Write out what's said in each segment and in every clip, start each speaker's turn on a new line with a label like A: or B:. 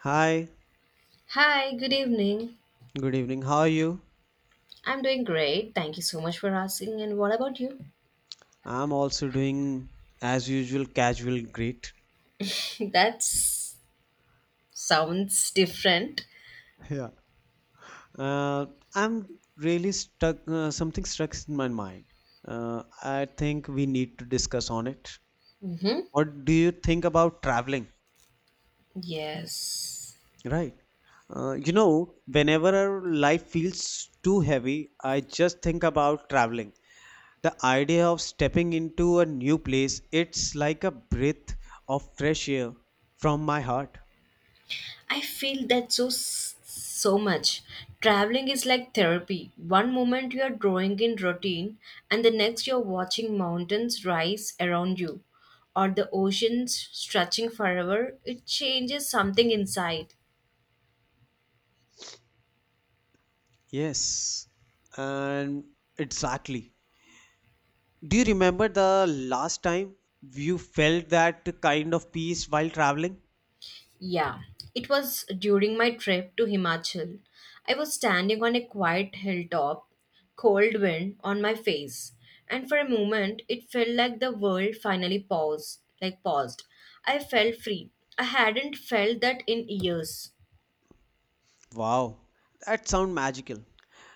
A: Hi,
B: Hi, good evening.
A: good evening. How are you?
B: I'm doing great. Thank you so much for asking. And what about you?
A: I'm also doing as usual, casual, great.
B: That sounds different.
A: Yeah. Uh, I'm really stuck, something stuck in my mind. I think we need to discuss on it.
B: Mm-hmm.
A: What do you think about traveling?
B: Yes.
A: Right. Whenever life feels too heavy, I just think about traveling. The idea of stepping into a new place, it's like a breath of fresh air from my heart.
B: I feel that so so much. Traveling is like therapy. One moment you are drawing in routine, and the next you're watching mountains rise around you, or the oceans stretching forever. It changes something inside.
A: Yes, and exactly. Do you remember the last time you felt that kind of peace while traveling?
B: Yeah, it was during my trip to Himachal. I was standing on a quiet hilltop, cold wind on my face, and for a moment it felt like the world finally paused, like paused. I felt free. I hadn't felt that in years.
A: Wow, that sound magical.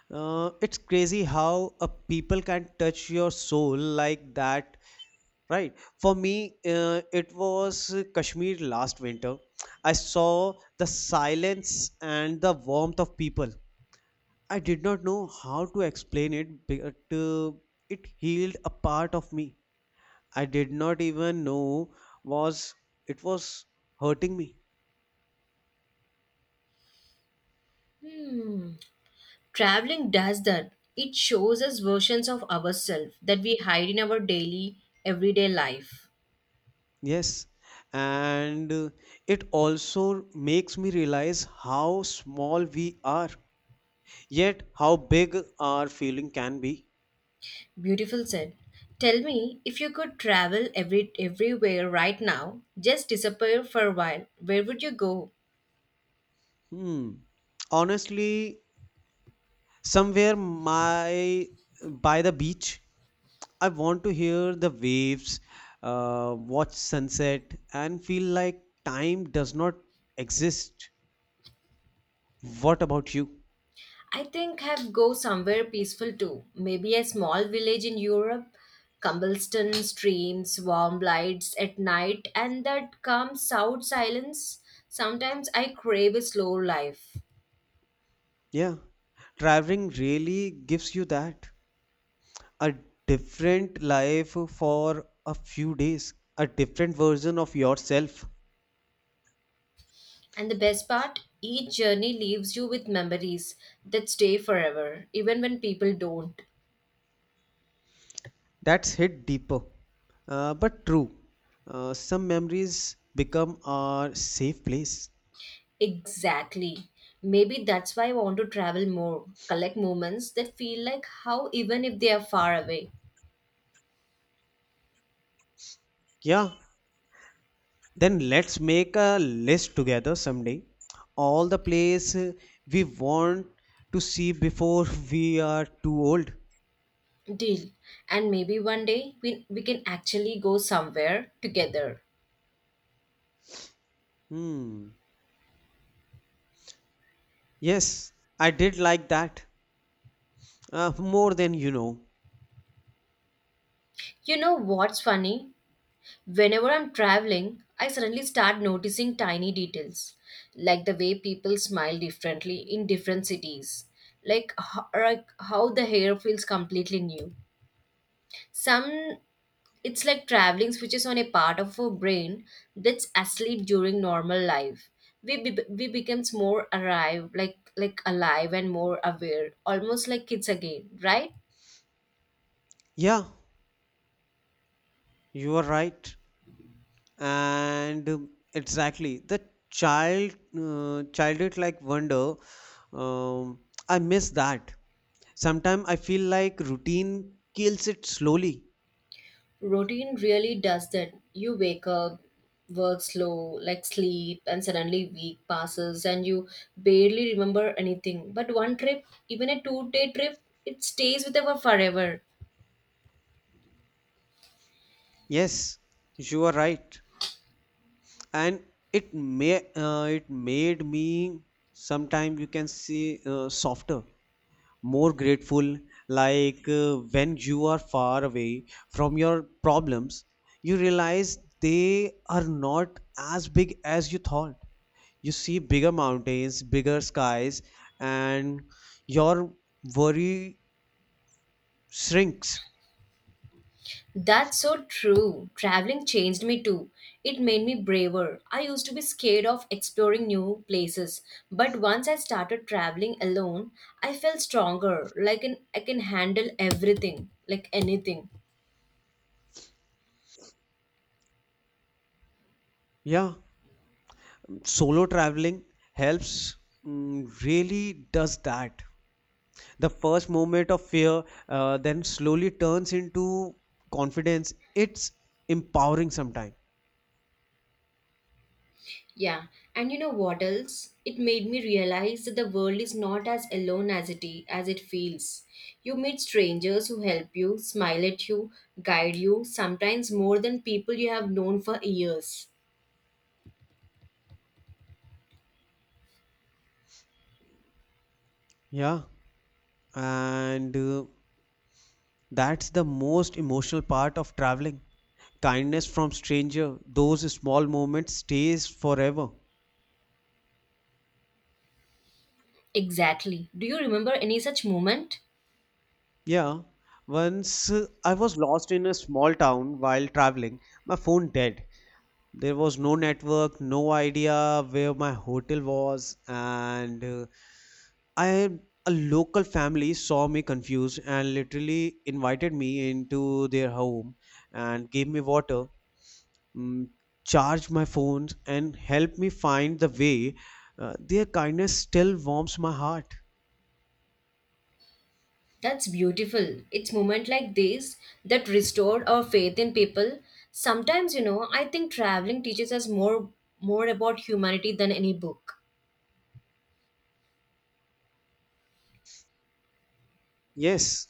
A: It's crazy how a people can touch your soul like that, right? For me, it was Kashmir last winter. I saw the silence and the warmth of people. I did not know how to explain it, but it healed a part of me I did not even know was was hurting me.
B: Hmm. Traveling does that. It shows us versions of ourselves that we hide in our daily, everyday life.
A: Yes. And it also makes me realize how small we are, yet how big our feeling can be.
B: Beautiful said. Tell me, if you could travel everywhere right now, just disappear for a while, where would you go?
A: Hmm. Honestly, somewhere my by the beach, I want to hear the waves, watch sunset, and feel like time does not exist. What about you?
B: I think I'd go somewhere peaceful too. Maybe a small village in Europe, cobblestone streams, warm lights at night, and that calm south silence. Sometimes I crave a slow life.
A: Yeah, traveling really gives you that a different life for a few days, a different version of yourself.
B: And the best part, each journey leaves you with memories that stay forever, even when people don't.
A: That's hit deeper, but true. Some memories become our safe place.
B: Exactly. Maybe that's why I want to travel more, collect moments that feel like how even if they are far away.
A: Yeah, then let's make a list together someday. All the place we want to see before we are too old.
B: Deal. And maybe one day we can actually go somewhere together.
A: Hmm. Yes, I did like that. More than you know.
B: You know what's funny? Whenever I'm traveling, I suddenly start noticing tiny details, like the way people smile differently in different cities, like how the hair feels completely new. Some it's like traveling switches on a part of our brain that's asleep during normal life. We becomes more alive, like alive and more aware, almost like kids again, right?
A: Yeah, you are right. And exactly, the childhood like wonder, um, I miss that. Sometimes I feel like routine kills it slowly.
B: Routine really does that. You wake up, work slow, like sleep, and suddenly week passes and you barely remember anything. But one trip, even a 2-day trip, it stays with us forever.
A: Yes, you are right. And it made me sometimes you can see softer, more grateful. Like when you are far away from your problems, you realize they are not as big as you thought. You see bigger mountains, bigger skies, and your worry shrinks.
B: That's so true. Traveling changed me too. It made me braver. I used to be scared of exploring new places, but once I started traveling alone, I felt stronger. Like an, I can handle everything, like anything.
A: Yeah, solo traveling helps, really does that. The first moment of fear then slowly turns into confidence. It's empowering sometimes.
B: Yeah, and you know what else? It made me realize that the world is not as alone as it is, as it feels. You meet strangers who help you, smile at you, guide you, sometimes more than people you have known for years.
A: Yeah. And that's the most emotional part of traveling. Kindness from stranger, those small moments stays forever.
B: Exactly. Do you remember any such moment?
A: Yeah. Once I was lost in a small town while traveling, my phone dead. There was no network, no idea where my hotel was, and I a local family saw me confused and literally invited me into their home and gave me water, mm, charge my phones and help me find the way. Their kindness still warms my heart.
B: That's beautiful. It's moment like this that restored our faith in people. Sometimes, you know, I think traveling teaches us more about humanity than any book.
A: Yes,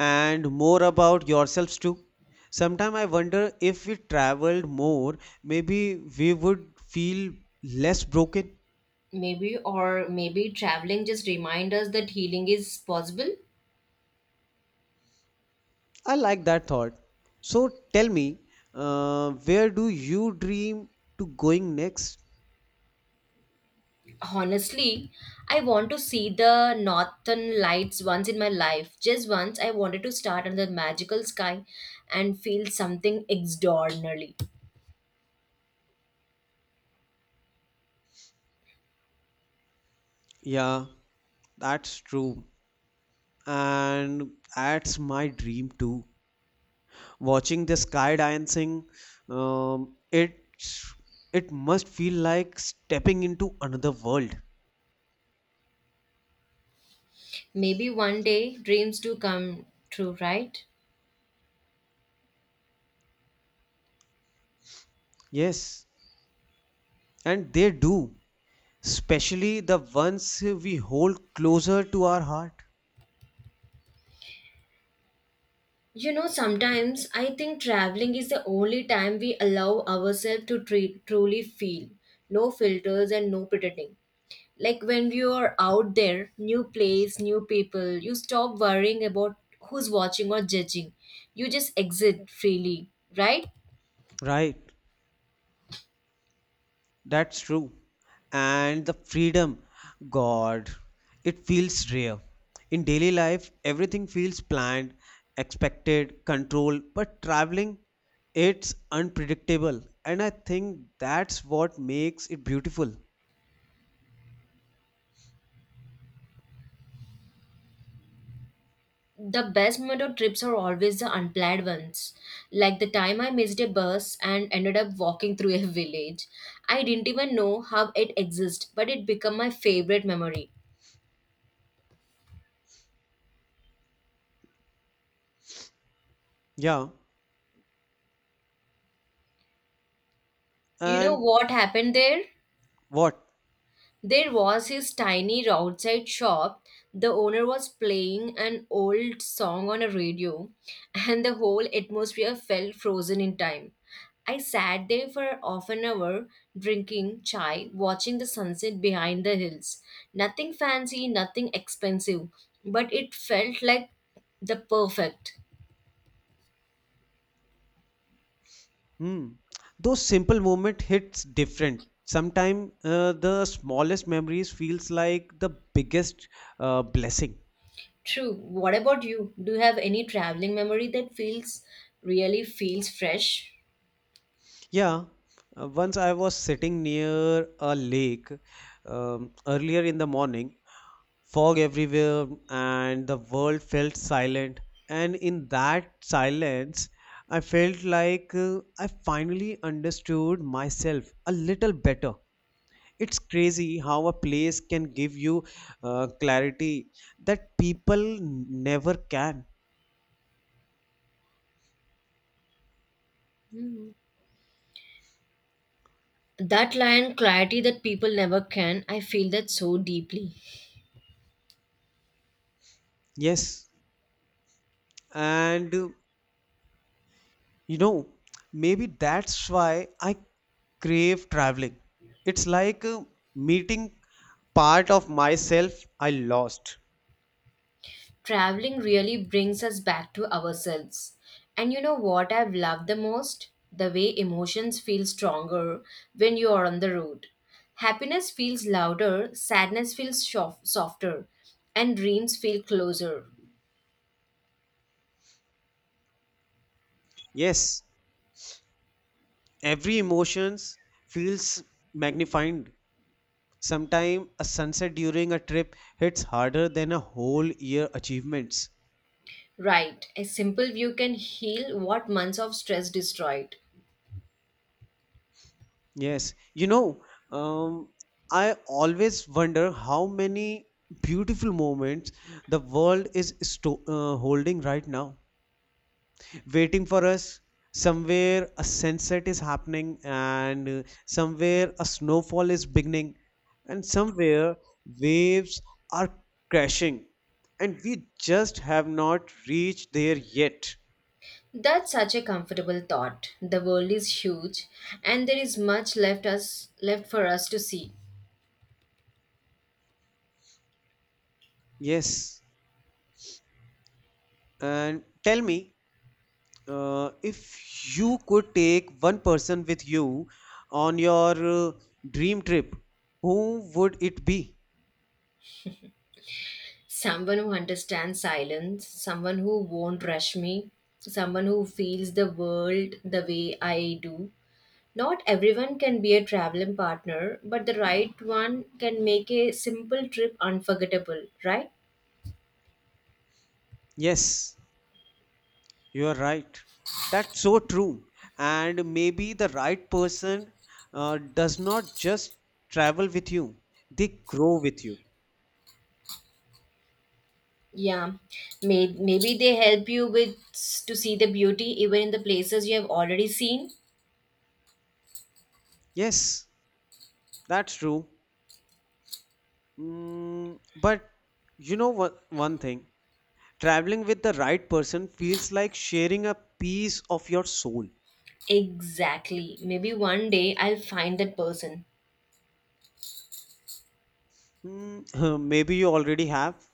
A: and more about yourselves too. Sometimes I wonder if we traveled more, maybe we would feel less broken.
B: Maybe or maybe traveling just remind us that healing is possible.
A: I like that thought. So tell me, where do you dream to going next?
B: Honestly, I want to see the northern lights once in my life. Just once I wanted to start under the magical sky and feel something extraordinary.
A: Yeah, that's true. And that's my dream too. Watching the sky dancing, um, it it must feel like stepping into another world.
B: Maybe one day dreams do come true, right?
A: Yes, and they do, especially the ones we hold closer to our heart.
B: You know, sometimes I think traveling is the only time we allow ourselves to truly feel. No filters and no pretending. Like when you are out there, new place, new people, you stop worrying about who's watching or judging. You just exit freely, right?
A: Right. That's true. And the freedom, God, it feels rare. In daily life, everything feels planned, expected, controlled, but traveling, it's unpredictable. And I think that's what makes it beautiful.
B: The best motor trips are always the unplanned ones. Like the time I missed a bus and ended up walking through a village. I didn't even know how it exists, but it became my favorite memory.
A: Yeah.
B: You know
A: And
B: what happened there?
A: what?
B: There was his tiny roadside shop. The owner was playing an old song on a radio, and the whole atmosphere felt frozen in time. I sat there for half an hour, drinking chai, watching the sunset behind the hills. Nothing fancy, nothing expensive, but it felt like the perfect.
A: Hmm. Those simple moment hits different. Sometimes the smallest memories feels like the biggest blessing.
B: True. What about you? Do you have any traveling memory that feels really feels fresh?
A: Yeah, once I was sitting near a lake, earlier in the morning, fog everywhere, and the world felt silent. And in that silence, I felt like I finally understood myself a little better. It's crazy how a place can give you clarity that people never can.
B: Hmm. That lion clarity that people never can, I feel that so deeply.
A: Yes, and you know, maybe that's why I crave traveling. It's like meeting part of myself I lost.
B: Traveling really brings us back to ourselves. And you know what I've loved the most? The way emotions feel stronger when you are on the road. Happiness feels louder, sadness feels softer, and dreams feel closer.
A: Yes, every emotions feels magnified. Sometimes a sunset during a trip hits harder than a whole year achievements.
B: Right, a simple view can heal what months of stress destroyed.
A: Yes, you know, um, I always wonder how many beautiful moments the world is holding right now, waiting for us. Somewhere a sunset is happening, and somewhere a snowfall is beginning, and somewhere waves are crashing, and we just have not reached there yet.
B: That's such a comfortable thought. The world is huge and there is much left for us to see.
A: Yes, and tell me, if you could take one person with you on your uh, dream trip, who would it be?
B: Someone who understands silence, someone who won't rush me, someone who feels the world the way I do. Not everyone can be a traveling partner, but the right one can make a simple trip unforgettable, right?
A: Yes. You're right. That's so true. And maybe the right person does not just travel with you, they grow with you.
B: Yeah, maybe they help you with to see the beauty even in the places you have already seen.
A: Yes, that's true. Mm, but you know what, one thing, traveling with the right person feels like sharing a piece of your soul.
B: Exactly. Maybe one day I'll find that person.
A: Mm, maybe you already have,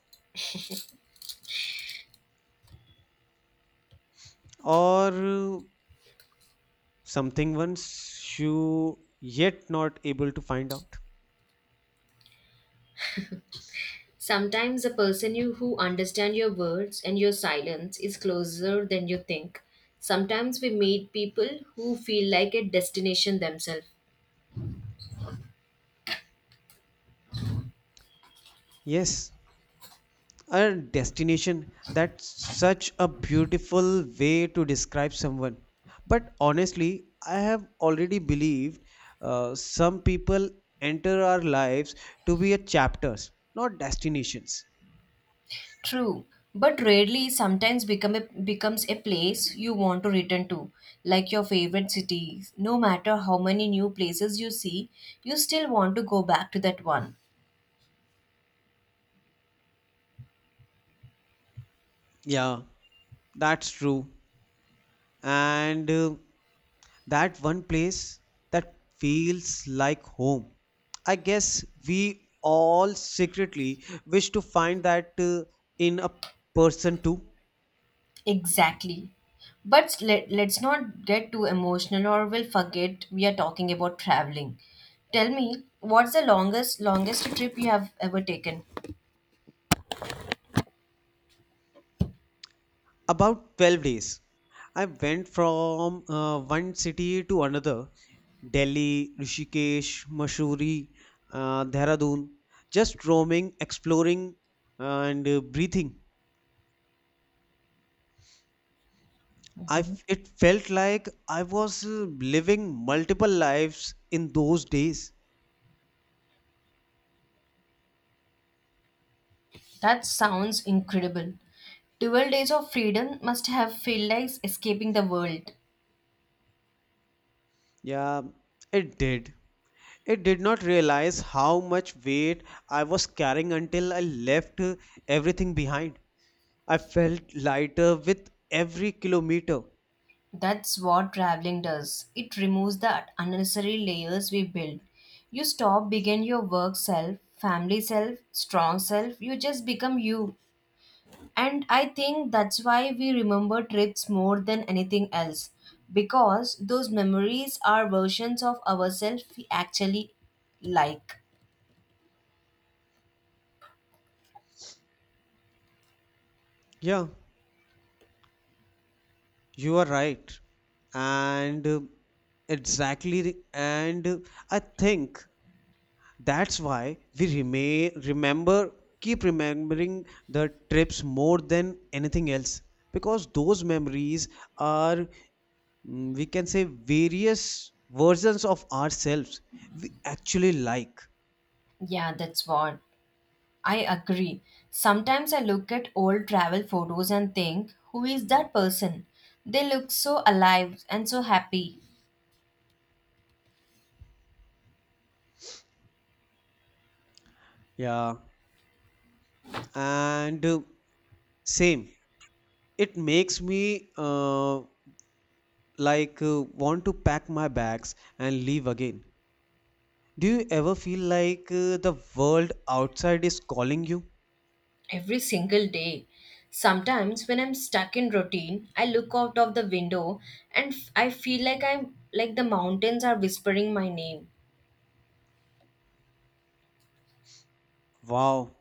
A: or something once you yet not able to find out.
B: Sometimes the person you who understand your words and your silence is closer than you think. Sometimes we meet people who feel like a destination themselves.
A: Yes, a destination, that's such a beautiful way to describe someone, but honestly I have already believed some people enter our lives to be a chapters, not destinations.
B: True, but rarely sometimes becomes a place you want to return to, like your favorite city. No matter how many new places you see, you still want to go back to that one.
A: Yeah, that's true. And that one place that feels like home, I guess we all secretly wish to find that in a person too.
B: Exactly. But let's not get too emotional or we'll forget we are talking about traveling. Tell me, what's the longest trip you have ever taken?
A: About 12 days. I went from one city to another: Delhi, Rishikesh, Mussoorie, Dehradun, just roaming, exploring, and breathing. It felt like I was living multiple lives in those days.
B: That sounds incredible. 12 days of freedom must have felt like escaping the world.
A: Yeah, it did. It did not realize how much weight I was carrying until I left everything behind. I felt lighter with every kilometer.
B: That's what traveling does. It removes the unnecessary layers we build. You stop begin your work self, family self, strong self. You just become you. And I think that's why we remember trips more than anything else, because those memories are versions of ourselves we actually like.
A: Yeah, you are right. And exactly, the- and uh, I think that's why we remain remember keep remembering the trips more than anything else, because those memories are, we can say, various versions of ourselves we actually like.
B: Yeah, that's what I agree. Sometimes I look at old travel photos and think, who is that person? They look so alive and so happy
A: Yeah. And same, it makes me want to pack my bags and leave again. Do you ever feel like the world outside is calling you?
B: every single day. Sometimes when I'm stuck in routine, I look out of the window and I feel like I'm like the mountains are whispering my name.
A: Wow,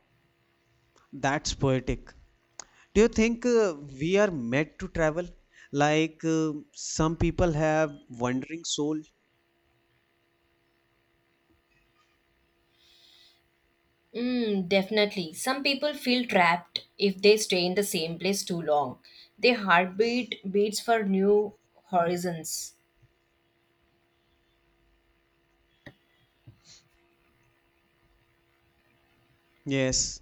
A: that's poetic. Do you think we are meant to travel, like some people have wandering soul?
B: Mm, definitely. Some people feel trapped if they stay in the same place too long. Their heartbeat beats for new horizons.
A: Yes,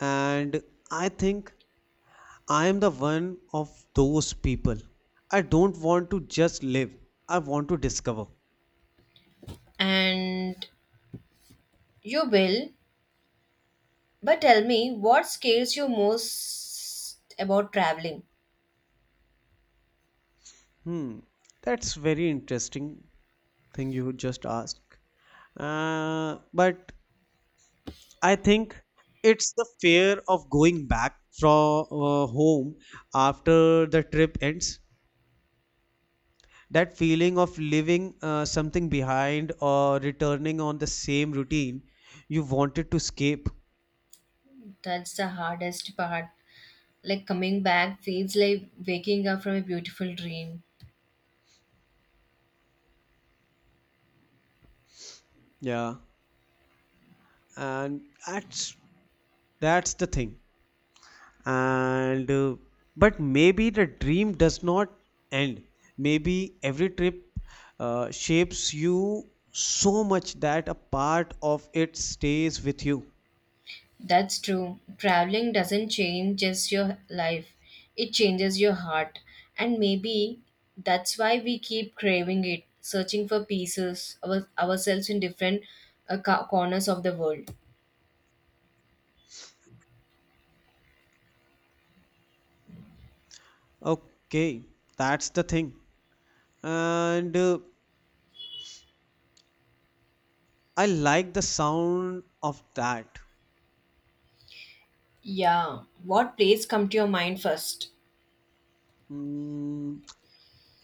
A: and I think I am the one of those people. I don't want to just live, I want to discover.
B: And you will. But tell me, what scares you most about traveling?
A: Hmm, that's very interesting thing you just asked. But I think it's the fear of going back from home after the trip ends. That feeling of leaving something behind or returning on the same routine you wanted to escape.
B: That's the hardest part. Like coming back feels like waking up from a beautiful dream.
A: Yeah, and that's the thing. And But maybe the dream does not end. Maybe every trip shapes you so much that a part of it stays with you.
B: That's true. Traveling doesn't change just your life, it changes your heart. And maybe that's why we keep craving it, searching for pieces of ourselves in different corners of the world.
A: Okay, that's the thing. And I like the sound of that.
B: Yeah. What place come to your mind first?
A: Mm,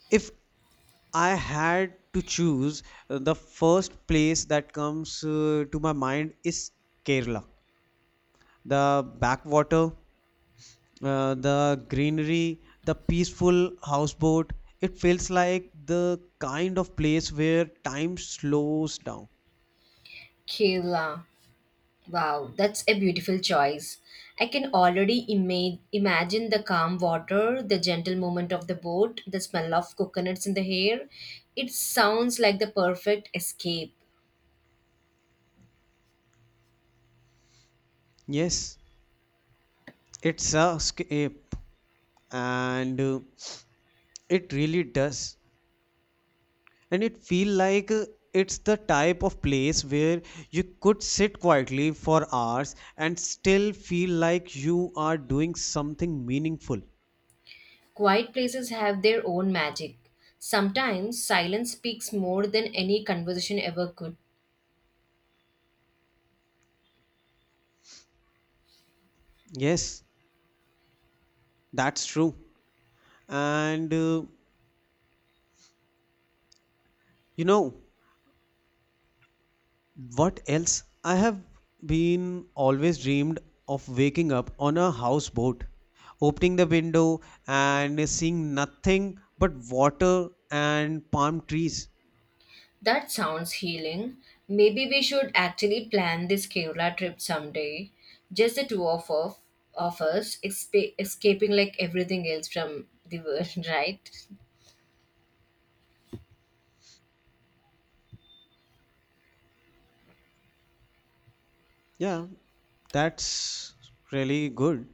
A: if I had to choose, the first place that comes to my mind is Kerala: the backwater, the greenery, the peaceful houseboat. It feels like the kind of place where time slows down.
B: Kerala. Wow, that's a beautiful choice. I can already imagine the calm water, the gentle movement of the boat, the smell of coconuts in the air. It sounds like the perfect escape.
A: Yes, it's a escape, and it really does. And it feel like it's the type of place where you could sit quietly for hours and still feel like you are doing something meaningful.
B: Quiet places have their own magic. Sometimes silence speaks more than any conversation ever could.
A: Yes, that's true. And you know, what else? I have been always dreamed of waking up on a houseboat, opening the window and seeing nothing but water and palm trees.
B: That sounds healing. Maybe we should actually plan this Kerala trip someday. Just the two of us escaping like everything else from the world, right?
A: Yeah, that's really good.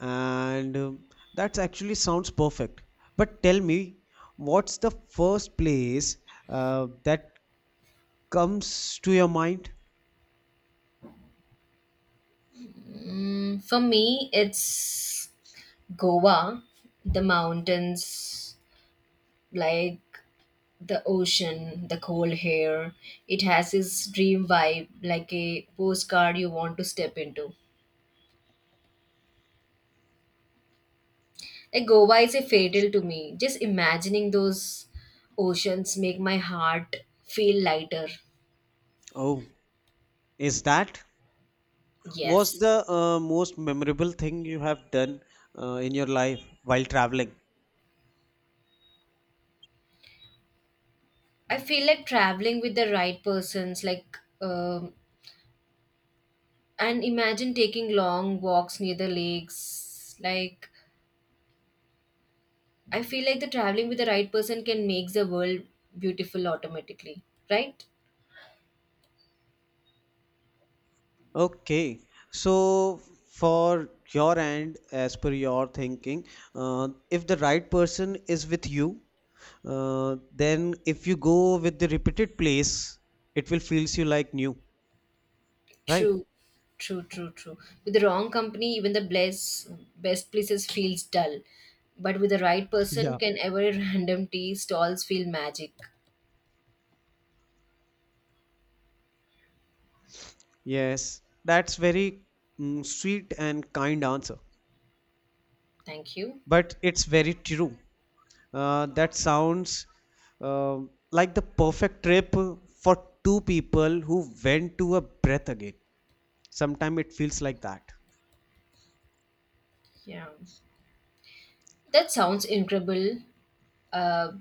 A: And that's actually sounds perfect. But tell me, what's the first place that comes to your mind?
B: Mm, for me, it's Goa, the mountains, like the ocean, the cold air. It has its dream vibe, like a postcard you want to step into. Like Goa is a fatal to me. Just imagining those oceans make my heart feel lighter.
A: Oh, is that? What's
B: Yes,
A: the most memorable thing you have done in your life while traveling?
B: I feel like traveling with the right persons, like and imagine taking long walks near the lakes. Like I feel like the traveling with the right person can make the world beautiful automatically, right?
A: Okay, so for your end, as per your thinking, if the right person is with you, then if you go with the repeated place, it will feels you like new, right?
B: True, true, true, true. With the wrong company, even the best places feels dull. But with the right person,
A: Yeah.
B: can every random tea stalls feel magic?
A: Yes, that's very sweet and kind answer,
B: Thank you.
A: but it's very true. That sounds uh, like the perfect trip for two people who went to a breath again. Sometimes it feels like that.
B: Yeah, that sounds incredible. Uh,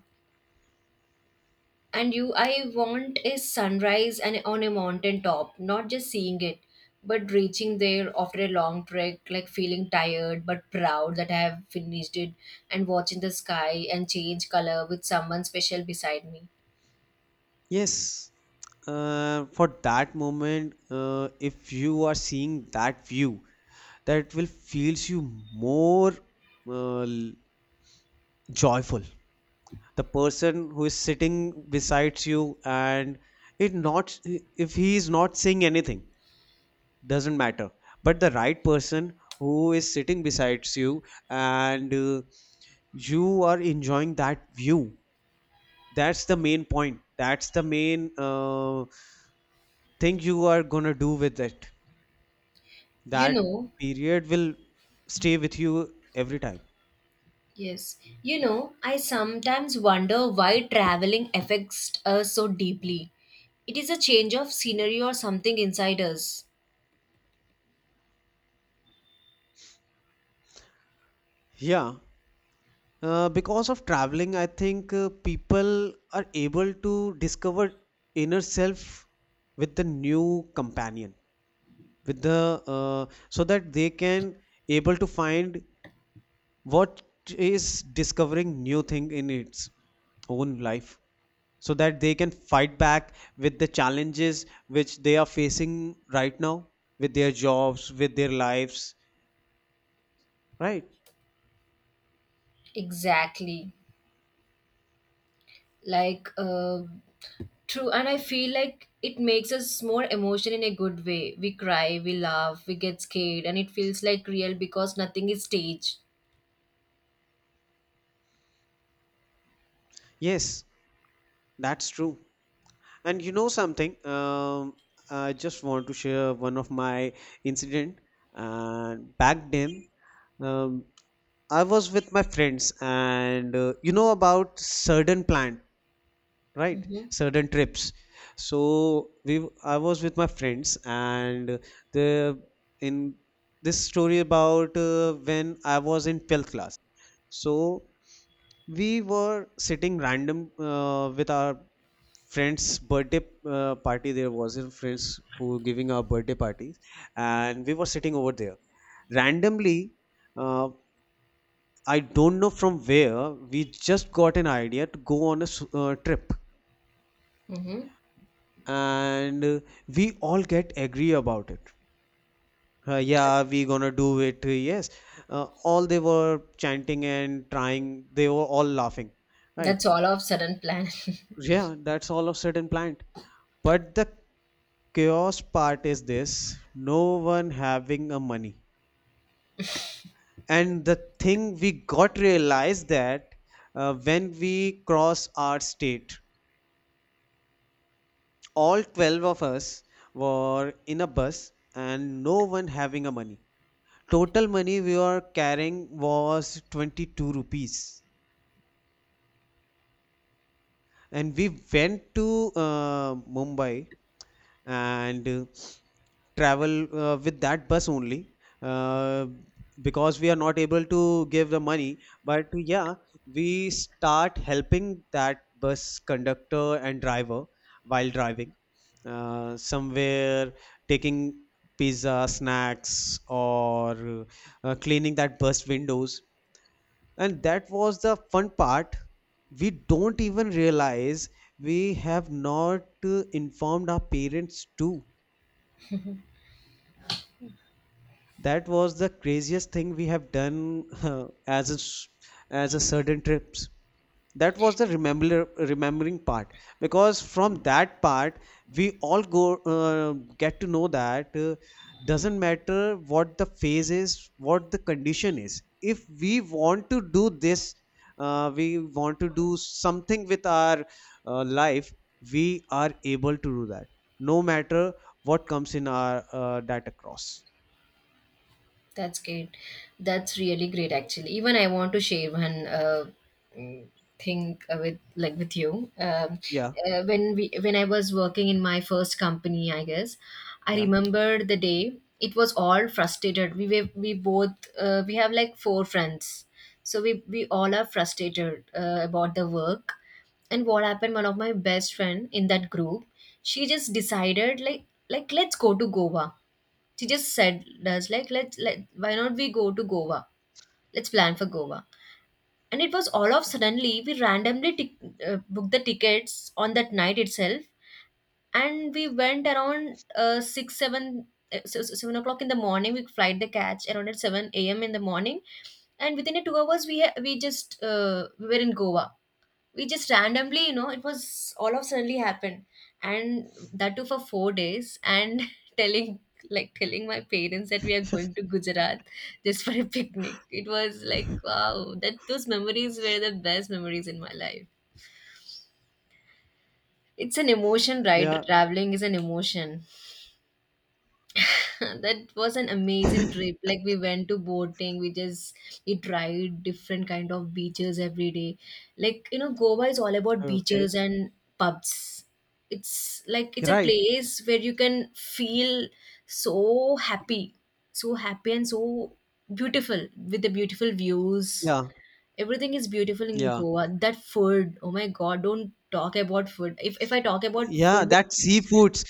B: and you, I want a sunrise and on a mountain top, not just seeing it, but reaching there after a long trek, like feeling tired but proud that I have finished it, and watching the sky and change color with someone special beside me.
A: Yes, for that moment, if you are seeing that view, that will feels you more uh, l- joyful. The person who is sitting beside you, and it not if he is not saying anything, doesn't matter, but the right person who is sitting besides you, and you are enjoying that view, that's the main point, that's the main thing you are gonna do with it,
B: You
A: that
B: know,
A: period will stay with you every time.
B: yes. You know, I sometimes wonder why traveling affects us so deeply. It is a change of scenery or something inside us.
A: Yeah, because of traveling I think people are able to discover inner self with the new companion, with the so that they can able to find what is discovering new thing in its own life, so that they can fight back with the challenges which they are facing right now, with their jobs, with their lives, right?
B: Exactly. Like, true. And I feel like it makes us more emotion in a good way. We cry, we laugh, we get scared, and it feels like real because nothing is staged.
A: Yes, that's true. And you know something, I just want to share one of my incident. And back then, um, I was with my friends, and you know about certain plan, right?
B: Mm-hmm.
A: Certain trips. So we, I was with my friends, and the in this story about when I was in 12th class. So we were sitting random with our friends' birthday party. There was in friends who were giving our birthday parties, and we were sitting over there randomly. Uh, I don't know from where we just got an idea to go on a trip,
B: Mm-hmm.
A: and we all get agree about it. Yeah, we gonna do it. Yes, all they were chanting and trying. They were all laughing, right?
B: That's all of sudden plan.
A: Yeah, that's all of sudden planned. But the chaos part is this: no one having a money, and the thing we got realized that when we cross our state, all 12 of us were in a bus and no one having a money. Total money we were carrying was 22 rupees, and we went to Mumbai and travel with that bus only, uh, because we are not able to give the money. But yeah, we start helping that bus conductor and driver while driving somewhere, taking pizza snacks or cleaning that bus windows, and that was the fun part. We don't even realize we have not informed our parents too. That was the craziest thing we have done as a certain trips. That was the remembering part, because from that part we all go get to know that doesn't matter what the phase is, what the condition is. If we want to do this, we want to do something with our life, we are able to do that, no matter what comes in our that across.
B: That's great. That's really great, actually. Even I want to share one mm, thing with like with you.
A: Yeah.
B: When I was working in my first company, I guess I
A: Yeah.
B: remember the day. It was all frustrated. We both we have like four friends, so we all are frustrated about the work. And what happened? One of my best friend in that group, she just decided like let's go to Goa. She just said us like let's let why not we go to Goa, let's plan for Goa. And it was all of suddenly we randomly tic booked the tickets on that night itself, and we went around 6 7 7 o'clock in the morning we flight the catch around at 7 a.m. in the morning, and within a 2 hours we we just we were in Goa. We just randomly, you know, it was all of suddenly happened. And that too for 4 days and telling like telling my parents that we are going to Gujarat just for a picnic. It was like wow, that those memories were the best memories in my life. It's an emotion, right?
A: Yeah.
B: Traveling is an emotion. That was an amazing trip. Like we went to boating, we just we tried different kind of beaches every day. Like you know Goa is all about
A: Okay.
B: beaches and pubs. It's like it's a
A: Right.
B: place where you can feel so happy, so happy and so beautiful with the beautiful views.
A: Yeah.
B: Everything is beautiful in
A: Yeah.
B: Goa. That food, oh my god, don't talk about food. If I talk about
A: Yeah.
B: food,
A: That seafoods.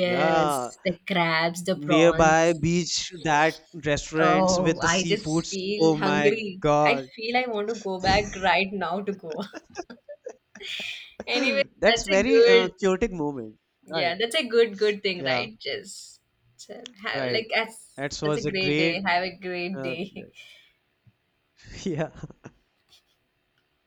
A: Yeah.
B: the crabs, the
A: Nearby
B: prawns.
A: beach, that restaurants
B: Oh,
A: with the
B: I just
A: seafoods.
B: feel
A: Oh my
B: hungry. I
A: God.
B: feel I want to go back right now to go. Anyway,
A: That's
B: that's a
A: very
B: good,
A: chaotic moment.
B: yeah,
A: Right.
B: that's a good thing,
A: Yeah.
B: right? Just have
A: Right.
B: like as
A: That
B: that's a
A: was a
B: great day.
A: great.
B: Have a great
A: Uh,
B: day.
A: yeah.